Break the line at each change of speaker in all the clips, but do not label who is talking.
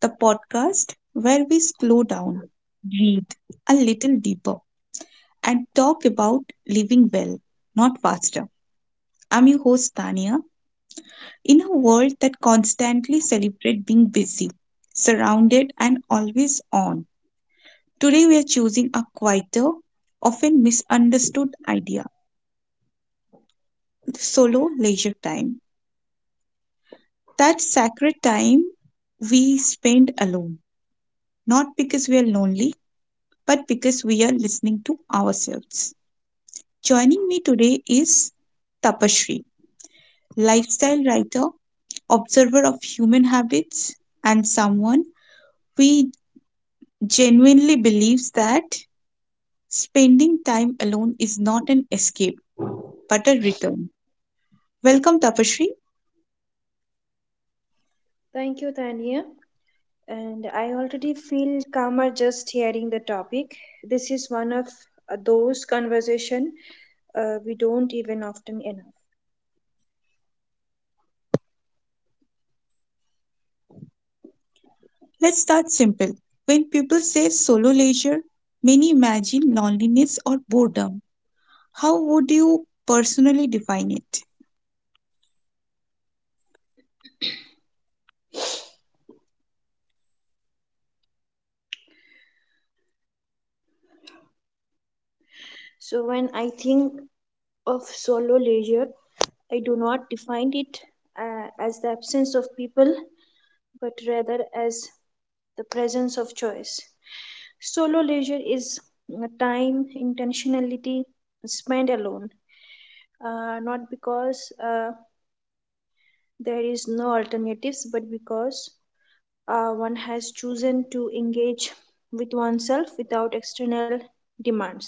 the podcast where we slow down, breathe a little deeper, and talk about living well, not faster. I'm your host, Tania. In a world that constantly celebrates being busy, surrounded, and always on, today we are choosing a quieter, often misunderstood idea solo leisure time. That sacred time we spend alone, not because we are lonely but because we are listening to ourselves. Joining me today is Tapasree, lifestyle writer, observer of human habits, and someone who genuinely believes that spending time alone is not an escape but a return. Welcome, Tapasree.
Thank you, Tania. And I already feel calmer just hearing the topic. This is one of those conversation we don't even often enough.
Let's start simple. When people say solo leisure, many imagine loneliness or boredom. How would you personally define it?
So when I think of solo leisure, I do not define it as the absence of people, but rather as the presence of choice. Solo leisure is time intentionality spent alone, not because there is no alternatives but because one has chosen to engage with oneself without external demands.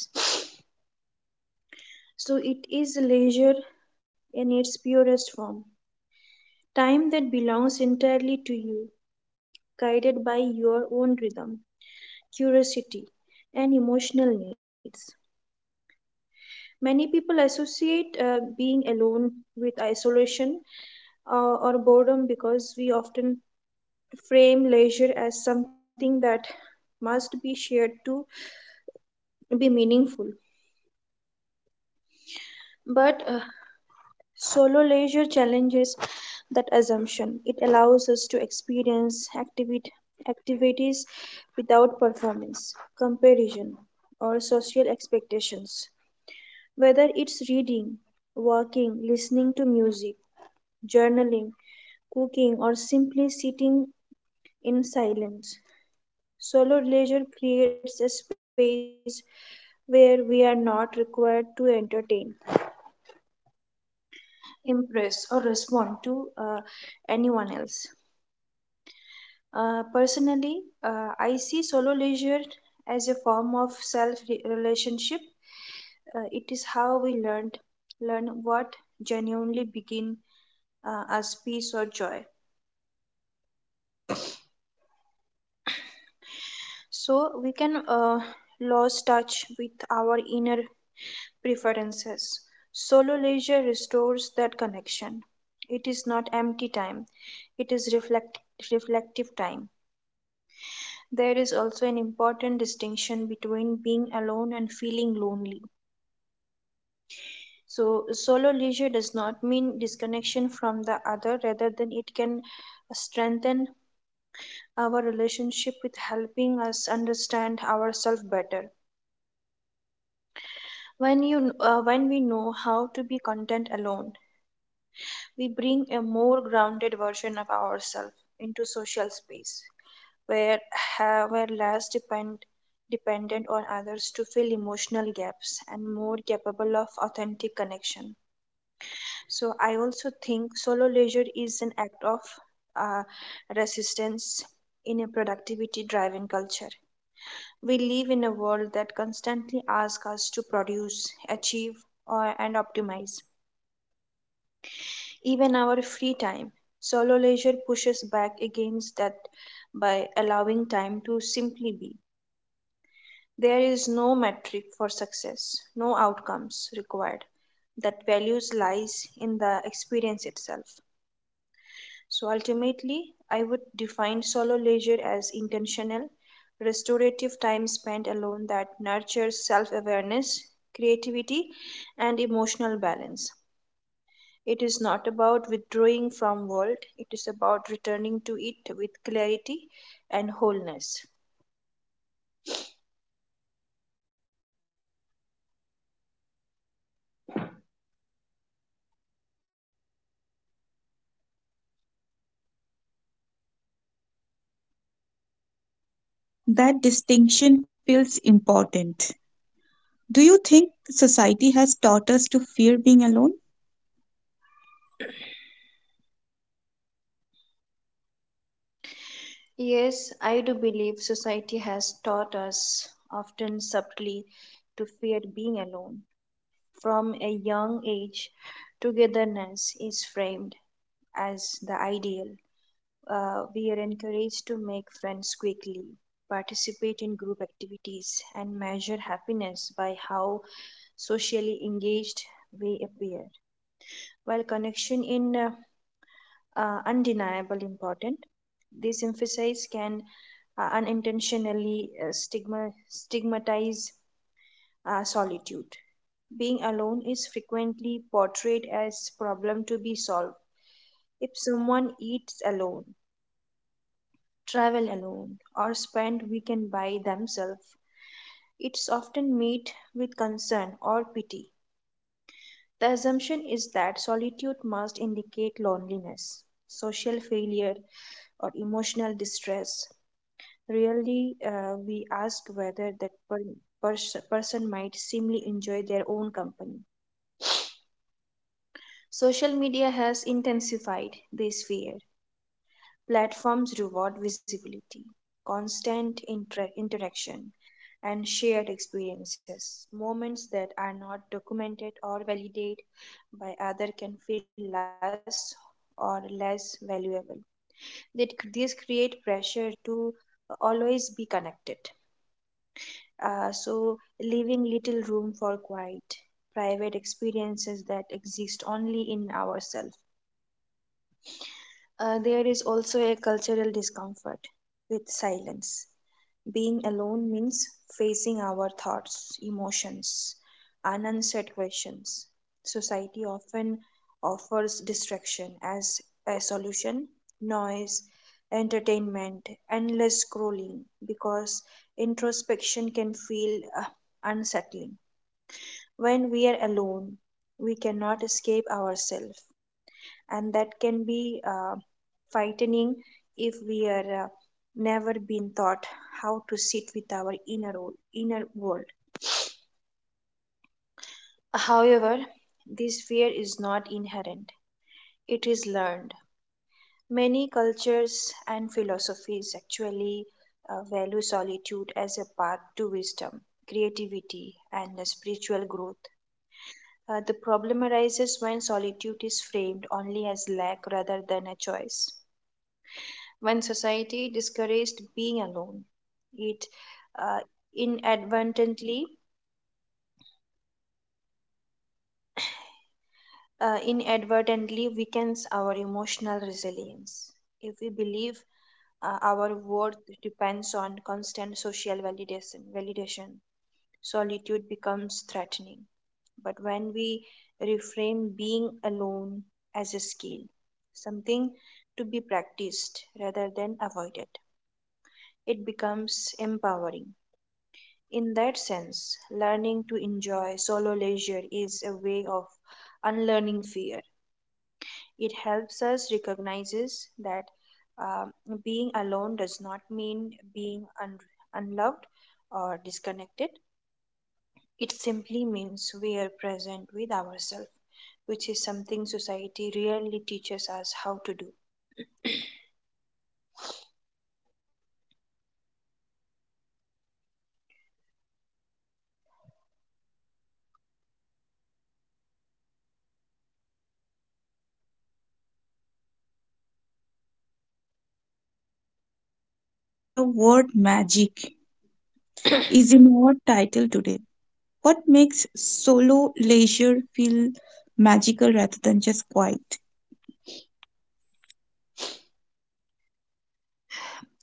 So it is leisure in its purest form, time that belongs entirely to you, guided by your own rhythm, curiosity, and emotional needs. Many people associate being alone with isolation or boredom because we often frame leisure as something that must be shared to be meaningful. But solo leisure challenges that assumption. It allows us to experience activities without performance, comparison, or social expectations. Whether it's reading, walking, listening to music, journaling, cooking, or simply sitting in silence, solo leisure creates a space where we are not required to entertain, impress, or respond to anyone else. Personally, I see solo leisure as a form of self relationship. It is how we learn what genuinely begin as peace or joy. So we can lose touch with our inner preferences. Solo leisure restores that connection. It is not empty time, it is reflective time. There is also an important distinction between being alone and feeling lonely. So, solo leisure does not mean disconnection from the other, rather than it can strengthen our relationship with helping us understand ourselves better. When we know how to be content alone, we bring a more grounded version of ourselves into social space where we're dependent on others to fill emotional gaps and more capable of authentic connection. So I also think solo leisure is an act of uh, resistance in a productivity driven culture. We live in a world that constantly asks us to produce, achieve, and optimize even our free time. Solo leisure pushes back against that by allowing time to simply be. There is no metric for success, no outcomes required. That values lies in the experience itself. So ultimately, I would define solo leisure as intentional, restorative time spent alone that nurtures self awareness, creativity, and emotional balance. It is not about withdrawing from world, it is about returning to it with clarity and wholeness.
That distinction feels important. Do you think society has taught us to fear being alone?
Yes, I do believe society has taught us, often subtly, to fear being alone. From a young age, togetherness is framed as the ideal. We are encouraged to make friends quickly, participate in group activities, and measure happiness by how socially engaged we appear. While connection in undeniable important, this emphasis can unintentionally stigmatize solitude. Being alone is frequently portrayed as problem to be solved. If someone eats alone, travel alone, or spend weekend by themselves, it's often met with concern or pity. The assumption is that solitude must indicate loneliness, social failure, or emotional distress. Really, we ask whether person might simply enjoy their own company. Social media has intensified this fear. Platforms reward visibility, constant interaction, and shared experiences. Moments that are not documented or validated by other can feel less or less valuable. That these create pressure to always be connected. So leaving little room for quiet, private experiences that exist only in ourselves. There is also a cultural discomfort with silence. Being alone means facing our thoughts, emotions, and unanswered questions. Society often offers distraction as a solution, noise, entertainment, endless scrolling, because introspection can feel unsettling. When we are alone, we cannot escape ourselves, and that can be frightening if we are never been taught how to sit with our inner world. However, this fear is not inherent, it is learned. Many cultures and philosophies actually value solitude as a path to wisdom, creativity, and spiritual growth. The problem arises when solitude is framed only as lack rather than a choice. When society discouraged being alone, it uh, inadvertently inadvertently weakens our emotional resilience. If we believe our worth depends on constant social validation, solitude becomes threatening. But when we reframe being alone as a skill, something to be practiced rather than avoided, it becomes empowering. In that sense, learning to enjoy solo leisure is a way of unlearning fear. It helps us recognizes that um, being alone does not mean unloved or disconnected. It simply means we are present with ourselves, which is something society rarely teaches us how to do.
The word magic is in our title today. What makes solo leisure feel magical rather than just quiet?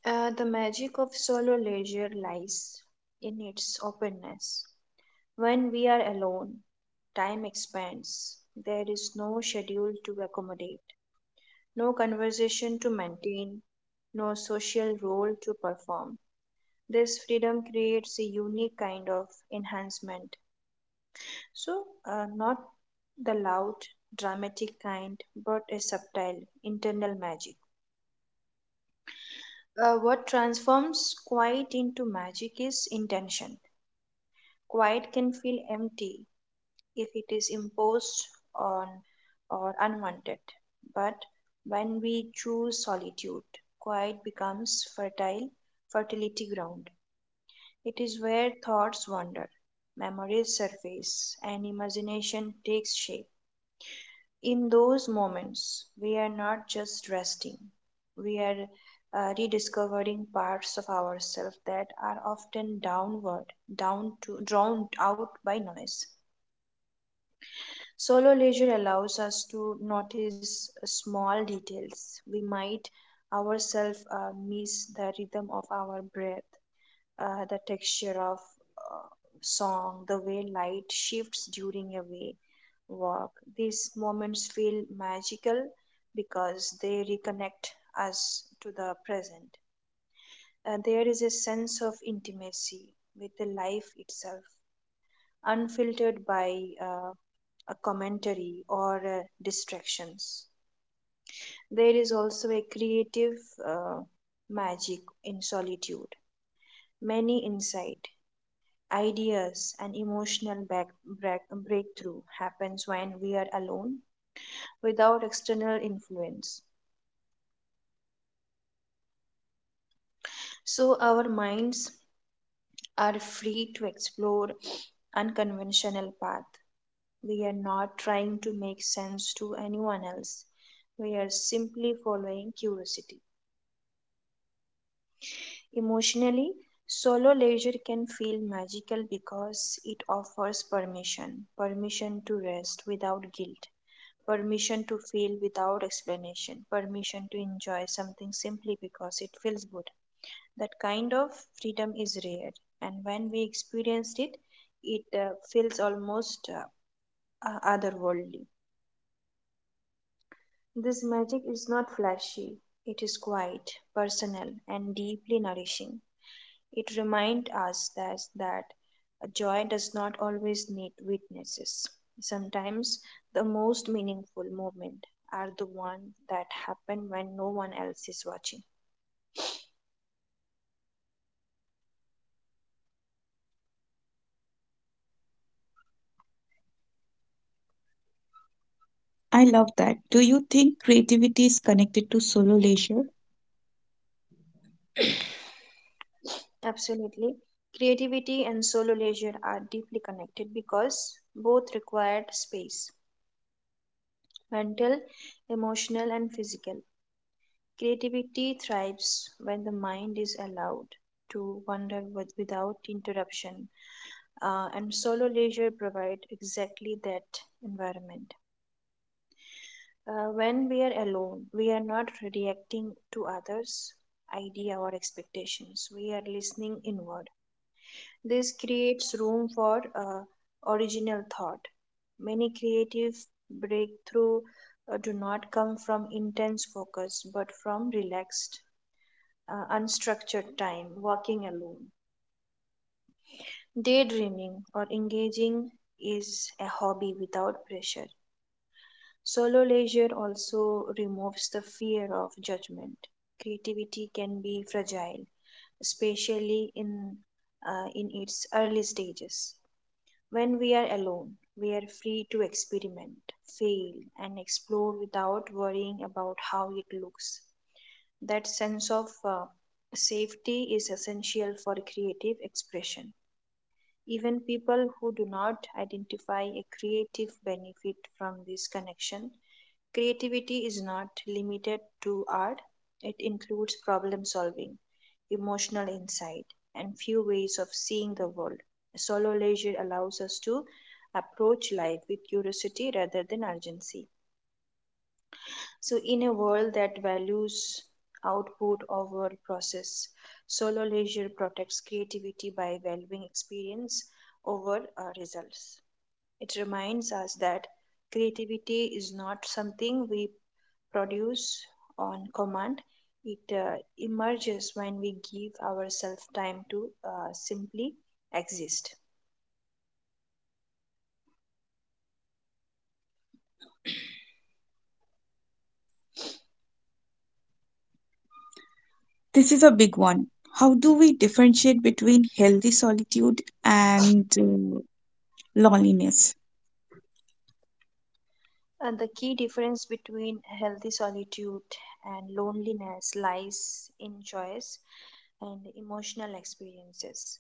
The magic of solo leisure lies in its openness. When we are alone, time expands. There is no schedule to accommodate, no conversation to maintain, no social role to perform. This freedom creates a unique kind of enhancement. Not the loud, dramatic kind, but a subtle, internal magic. What transforms quiet into magic is intention. Quiet can feel empty, if it is imposed on or unwanted. But when we choose solitude, quiet becomes fertile fertility ground. It is where thoughts wander, memories surface, and imagination takes shape. In those moments, we are not just resting, we are rediscovering parts of ourselves that are often downward, down to drowned out by noise. Solo leisure allows us to notice small details. We might ourselves miss the rhythm of our breath, the texture of uh, song, the way light shifts during a way walk. These moments feel magical because they reconnect us to the present. There is a sense of intimacy with the life itself unfiltered by a commentary or distractions. There is also a creative uh, magic in solitude. Many insight, ideas, and emotional break, breakthrough happens when we are alone without external influence. So our minds are free to explore unconventional path. We are not trying to make sense to anyone else. We are simply following curiosity. Emotionally, solo leisure can feel magical because it offers permission to rest without guilt, permission to feel without explanation, permission to enjoy something simply because it feels good. That kind of freedom is rare, and when we experience it, it feels almost otherworldly. This magic is not flashy, it is quiet, personal, and deeply nourishing. It reminds us that a joy does not always need witnesses. Sometimes the most meaningful moments are the ones that happen when no one else is watching.
I love that. Do you think creativity is connected to solo leisure?
Absolutely. Creativity and solo leisure are deeply connected because both require space mental, emotional, and physical. Creativity thrives when the mind is allowed to without interruption, and solo leisure provides exactly that environment. When we are alone, we are not reacting to others' idea or expectations. We are listening inward. This creates room for original thought. Many creative breakthrough do not come from intense focus, but from relaxed unstructured time, walking alone. Daydreaming or engaging is a hobby without pressure. Solo leisure also removes the fear of judgment. Creativity can be fragile, especially in its early stages. When we are alone, we are free to experiment, fail, and explore without worrying about how it looks. That sense of safety is essential for creative expression. Even people who do not identify a creative benefit from this connection, creativity is not limited to art, it includes problem solving, emotional insight, and few ways of seeing the world. Solo leisure allows us to approach life with curiosity rather than urgency. So, in a world that values output over process, solo leisure protects creativity by valuing experience over results. It reminds us that creativity is not something we produce on command, it emerges when we give ourselves time to simply exist.
This is a big one. How do we differentiate between healthy solitude and loneliness?
And the key difference between healthy solitude and loneliness lies in choice and emotional experiences.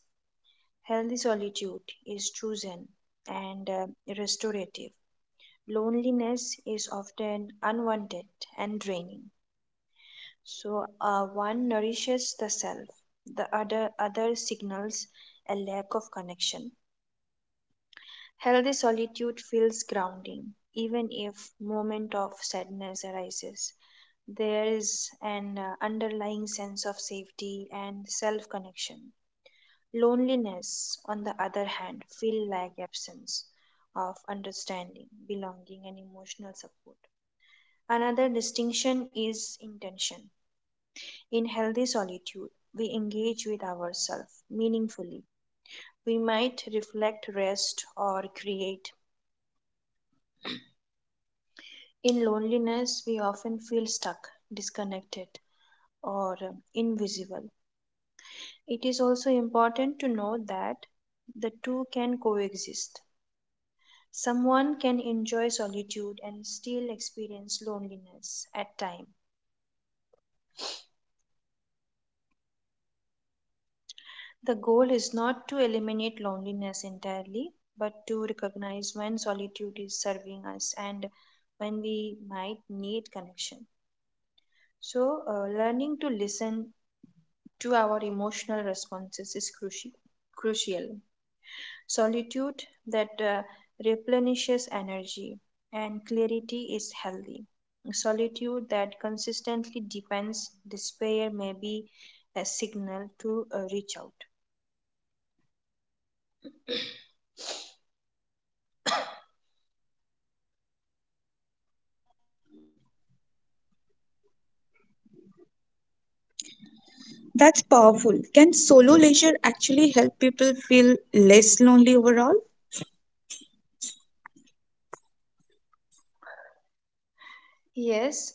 Healthy solitude is chosen and restorative. Loneliness is often unwanted and draining. One nourishes the self, other signals a lack of connection. Healthy solitude feels grounding, even if moment of sadness arises. There is an underlying sense of safety and self-connection. Loneliness, on the other hand, feel like absence of understanding, belonging, and emotional support. Another distinction is intention. In healthy solitude, we engage with ourselves meaningfully. We might reflect, rest, or create. In loneliness, we often feel stuck, disconnected, or invisible. It is also important to know that the two can coexist. Someone can enjoy solitude and still experience loneliness at times. The goal is not to eliminate loneliness entirely, but to recognize when solitude is serving us and when we might need connection. Learning to listen to our emotional responses is crucial. Solitude that replenishes energy and clarity is healthy. Solitude that consistently depends despair may be a signal to reach out.
That's powerful. Can solo leisure actually help people feel less lonely overall?
Yes,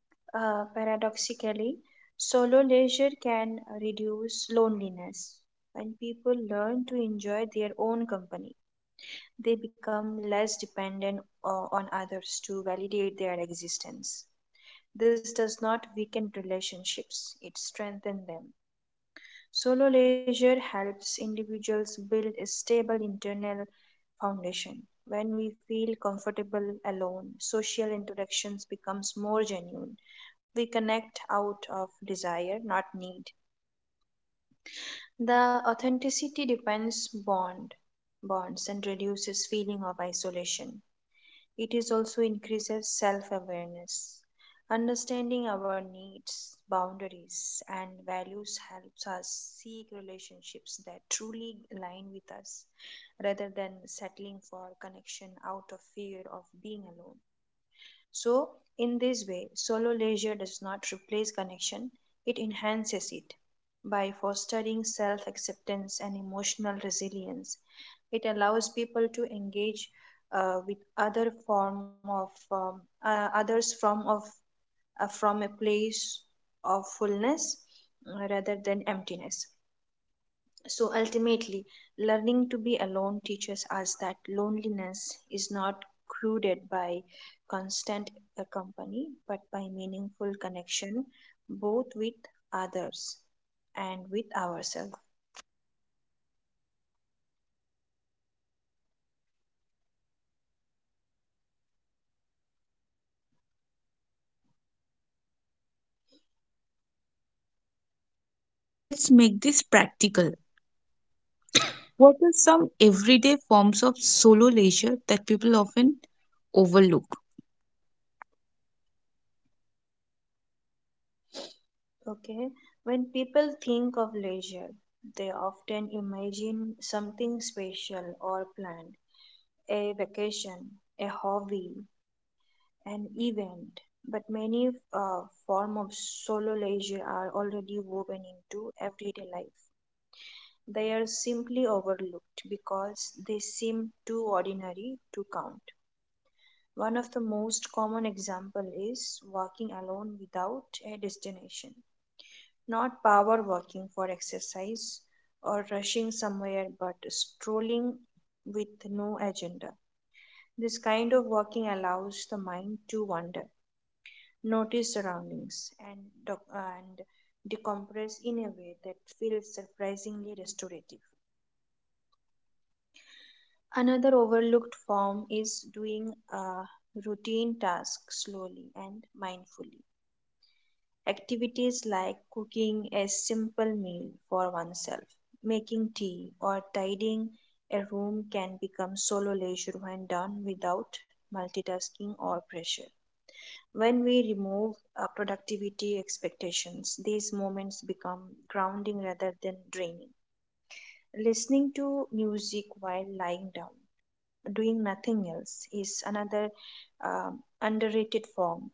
paradoxically, solo leisure can reduce loneliness when people learn to enjoy their own company. They become less dependent on others to validate their existence. This does not weaken relationships, it strengthens them. Solo leisure helps individuals build a stable internal foundation. When we feel comfortable alone, social interactions becomes more genuine. We connect out of desire, not need. The authenticity depends bond bonds and reduces feeling of isolation. It is also increases self awareness. Understanding our needs, boundaries, and values helps us seek relationships that truly align with us rather than settling for connection out of fear of being alone. So, in this way, solo leisure does not replace connection, it enhances it. By fostering self acceptance and emotional resilience, it allows people to engage with others from of from a place of fullness rather than emptiness, so ultimately, learning to be alone teaches us that loneliness is not cruded by constant company, but by meaningful connection both with others and with ourselves.
Let's make this practical. What are some everyday forms of solo leisure that people often overlook?
Okay, when people think of leisure, they often imagine something special or planned, a vacation, a hobby, an event, but many forms of solo leisure are already woven into everyday life. They are simply overlooked because they seem too ordinary to count. One of the most common example is walking alone without a destination. Not power walking for exercise or rushing somewhere, but strolling with no agenda. This kind of walking allows the mind to wander, notice surroundings, and, and decompress in a way that feels surprisingly restorative. Another overlooked form is doing a routine task slowly and mindfully. Activities like cooking a simple meal for oneself, making tea, or tidying a room can become solo leisure when done without multitasking or pressure. When we remove productivity expectations, these moments become grounding rather than draining. Listening to music while lying down, doing nothing else, is another underrated form.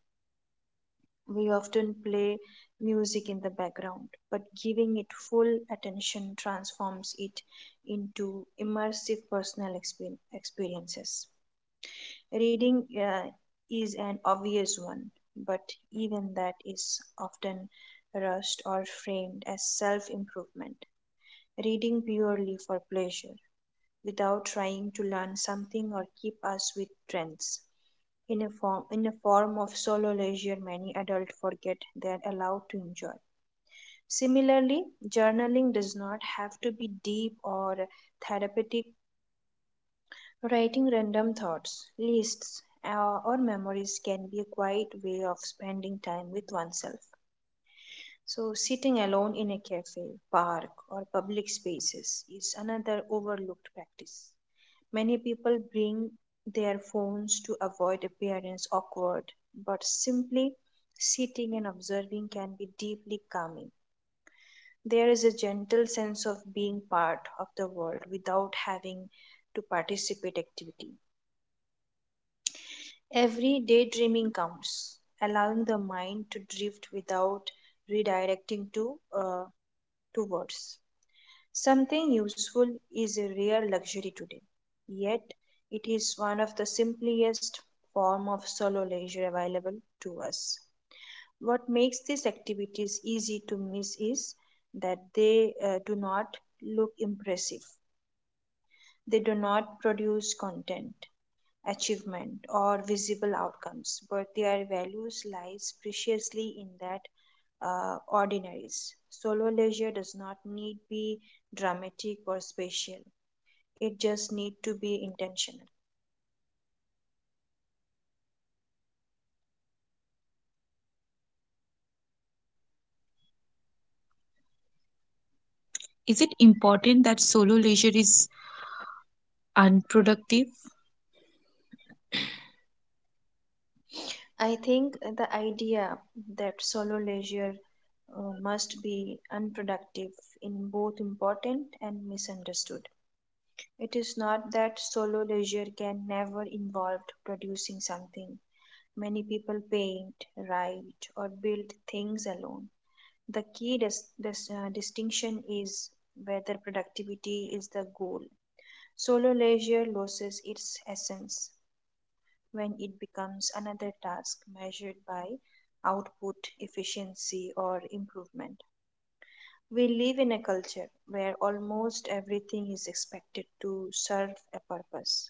We often play music in the background, but giving it full attention transforms it into immersive personal experiences. Reading is an obvious one, but even that is often rushed or framed as self improvement. Reading purely for pleasure, without trying to learn something or keep us with trends. In a form of solo leisure, many adults forget they are allowed to enjoy. Similarly, journaling does not have to be deep or therapeutic. Writing random thoughts, lists, or memories can be a quiet way of spending time with oneself. So, sitting alone in a cafe, park, or public spaces is another overlooked practice. Many people bring their phones to avoid appearance awkward, but simply sitting and observing can be deeply calming. There is a gentle sense of being part of the world without having to participate activity. Every daydreaming counts, allowing the mind to drift without redirecting to towards something useful is a rare luxury today. Yet it is one of the simplest form of solo leisure available to us. What makes these activities easy to miss is that they do not look impressive. They do not produce content, achievement, or visible outcomes, but their values lies preciously in that ordinaries. Solo leisure does not need be dramatic or special. It just need to be intentional.
Is it important that solo leisure is unproductive?
I think the idea that solo leisure must be unproductive in both important and misunderstood. It is not that solo leisure can never involve producing something. Many people paint, write, or build things alone. The key distinction is whether productivity is the goal. Solo leisure loses its essence when it becomes another task measured by output, efficiency, or improvement. We live in a culture where almost everything is expected to serve a purpose.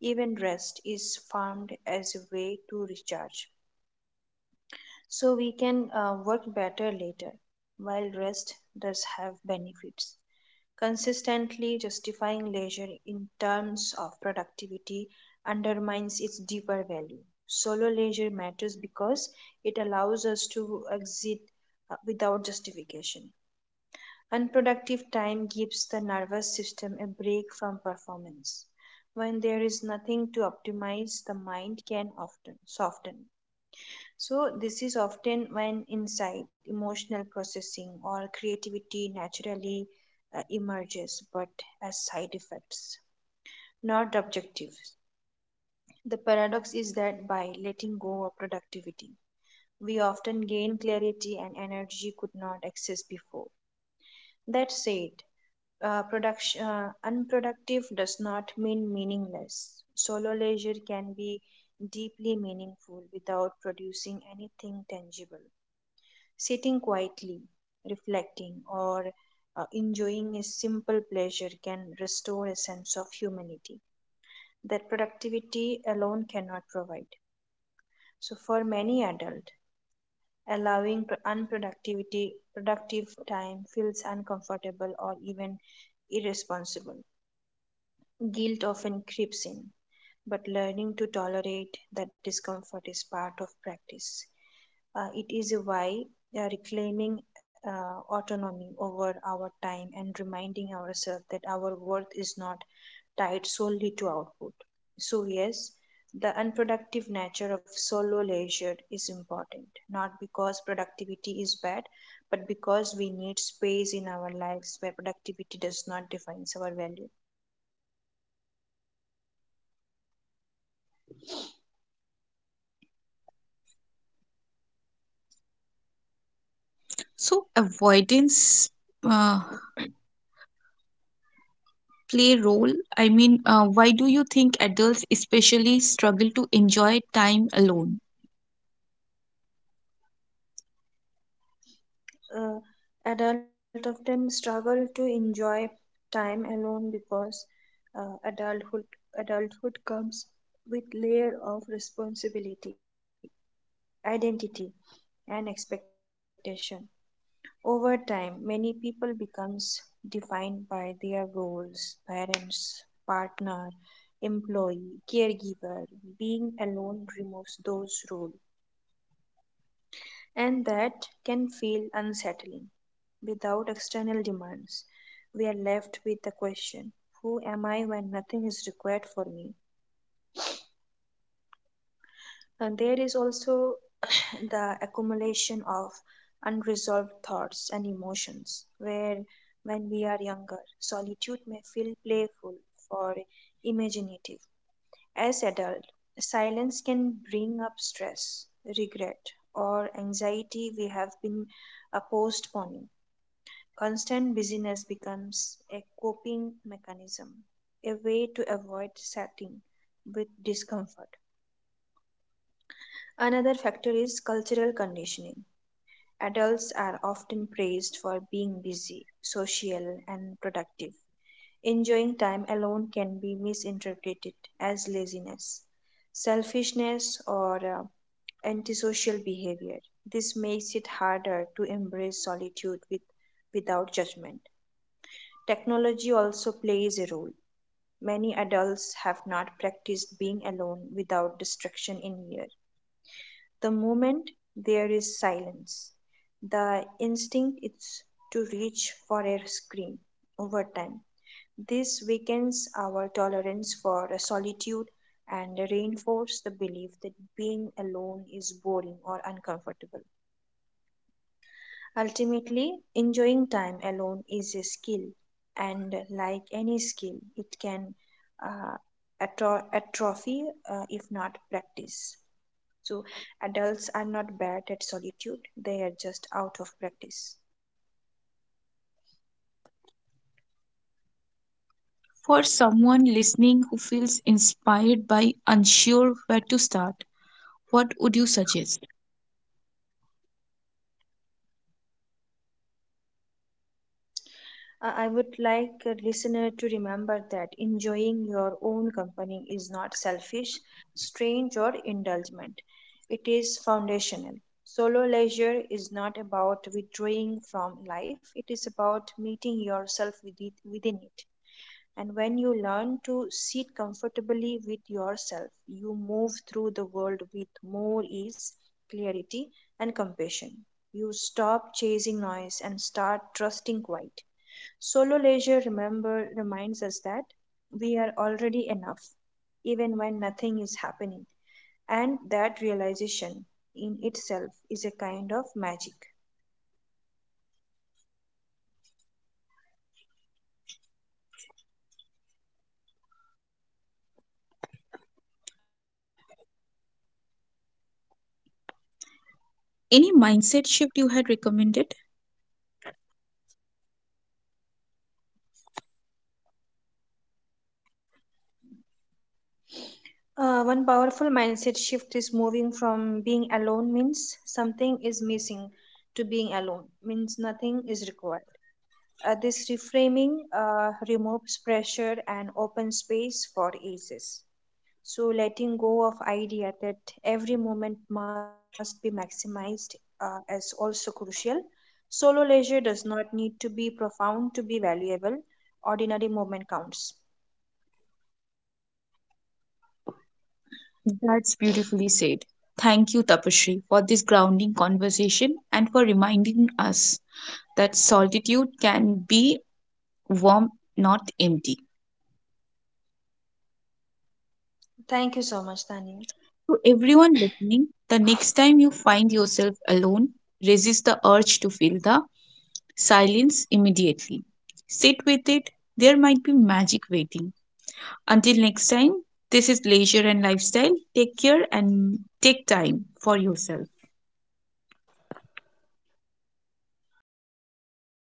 Even rest is farmed as a way to recharge, so we can work better later, while rest does have benefits. Consistently justifying leisure in terms of productivity undermines its deeper value. Solo leisure matters because it allows us to exit without justification. Unproductive time gives the nervous system a break from performance. When there is nothing to optimize, the mind can often soften. So, this is often when insight, emotional processing, or creativity naturally emerges, but as side effects, not objectives. The paradox is that by letting go of productivity, we often gain clarity and energy could not access before. That said, unproductive does not mean meaningless. Solo leisure can be deeply meaningful without producing anything tangible. Sitting quietly, reflecting, or enjoying a simple pleasure can restore a sense of humanity that productivity alone cannot provide. So, for many adults, allowing pr- unproductivity productive time feels uncomfortable or even irresponsible. Guilt often creeps in, but learning to tolerate that discomfort is part of practice. It is why reclaiming autonomy over our time and reminding ourselves that our worth is not tied solely to output. So, yes, the unproductive nature of solo leisure is important, not because productivity is bad, but because we need space in our lives where productivity does not define our value.
So, avoidance uh, play role? I mean, why do you think adults especially struggle to enjoy time alone?
uh, Adults often struggle to enjoy time alone because uh, adulthood adulthood comes with layer of responsibility, identity, and expectation. Over time, many people becomes defined by their roles, parents, partner, employee, caregiver. Being alone removes those roles, and that can feel unsettling, without external demands. We are left with the question, who am I when nothing is required for me? And there is also the accumulation of unresolved thoughts and emotions, where when we are younger, solitude may feel playful or imaginative. As adult, silence can bring up stress, regret, or anxiety we have been postponing. Constant busyness becomes a coping mechanism, a way to avoid sitting with discomfort. Another factor is cultural conditioning. Adults are often praised for being busy, social, and productive. Enjoying time alone can be misinterpreted as laziness, selfishness, or antisocial behavior. This makes it harder to embrace solitude with, without judgment. Technology also plays a role. Many adults have not practiced being alone without distraction in years. The moment there is silence, the instinct is to reach for a screen over time. This weakens our tolerance for solitude and reinforces the belief that being alone is boring or uncomfortable. Ultimately, enjoying time alone is a skill, and like any skill, it can uh, atrophy if not practiced. So, adults are not bad at solitude, they are just out of practice.
For someone listening who feels inspired by unsure where to start, what would you suggest?
I would like a listener to remember that enjoying your own company is not selfish, strange, or indulgent. It is foundational. Solo leisure is not about withdrawing from life, it is about meeting yourself with it, within it. And when you learn to sit comfortably with yourself, you move through the world with more ease, clarity, and compassion. You stop chasing noise and start trusting quiet. Solo leisure, remember, reminds us that we are already enough, even when nothing is happening. And that realization in itself is a kind of magic.
Any mindset shift you had recommended?
One powerful mindset shift is moving from being alone means something is missing to being alone means nothing is required. This reframing removes pressure and opens space for eases. So letting go of idea that every moment must be maximized is also crucial. Solo leisure does not need to be profound to be valuable. Ordinary moment counts.
That's beautifully said. Thank you, Tapashri, for this grounding conversation and for reminding us that solitude can be warm, not empty.
Thank you so much, Tanya.
To everyone listening, the next time you find yourself alone, resist the urge to fill the silence immediately. Sit with it, there might be magic waiting. Until next time, this is Leisure and Lifestyle. Take care and take time for yourself.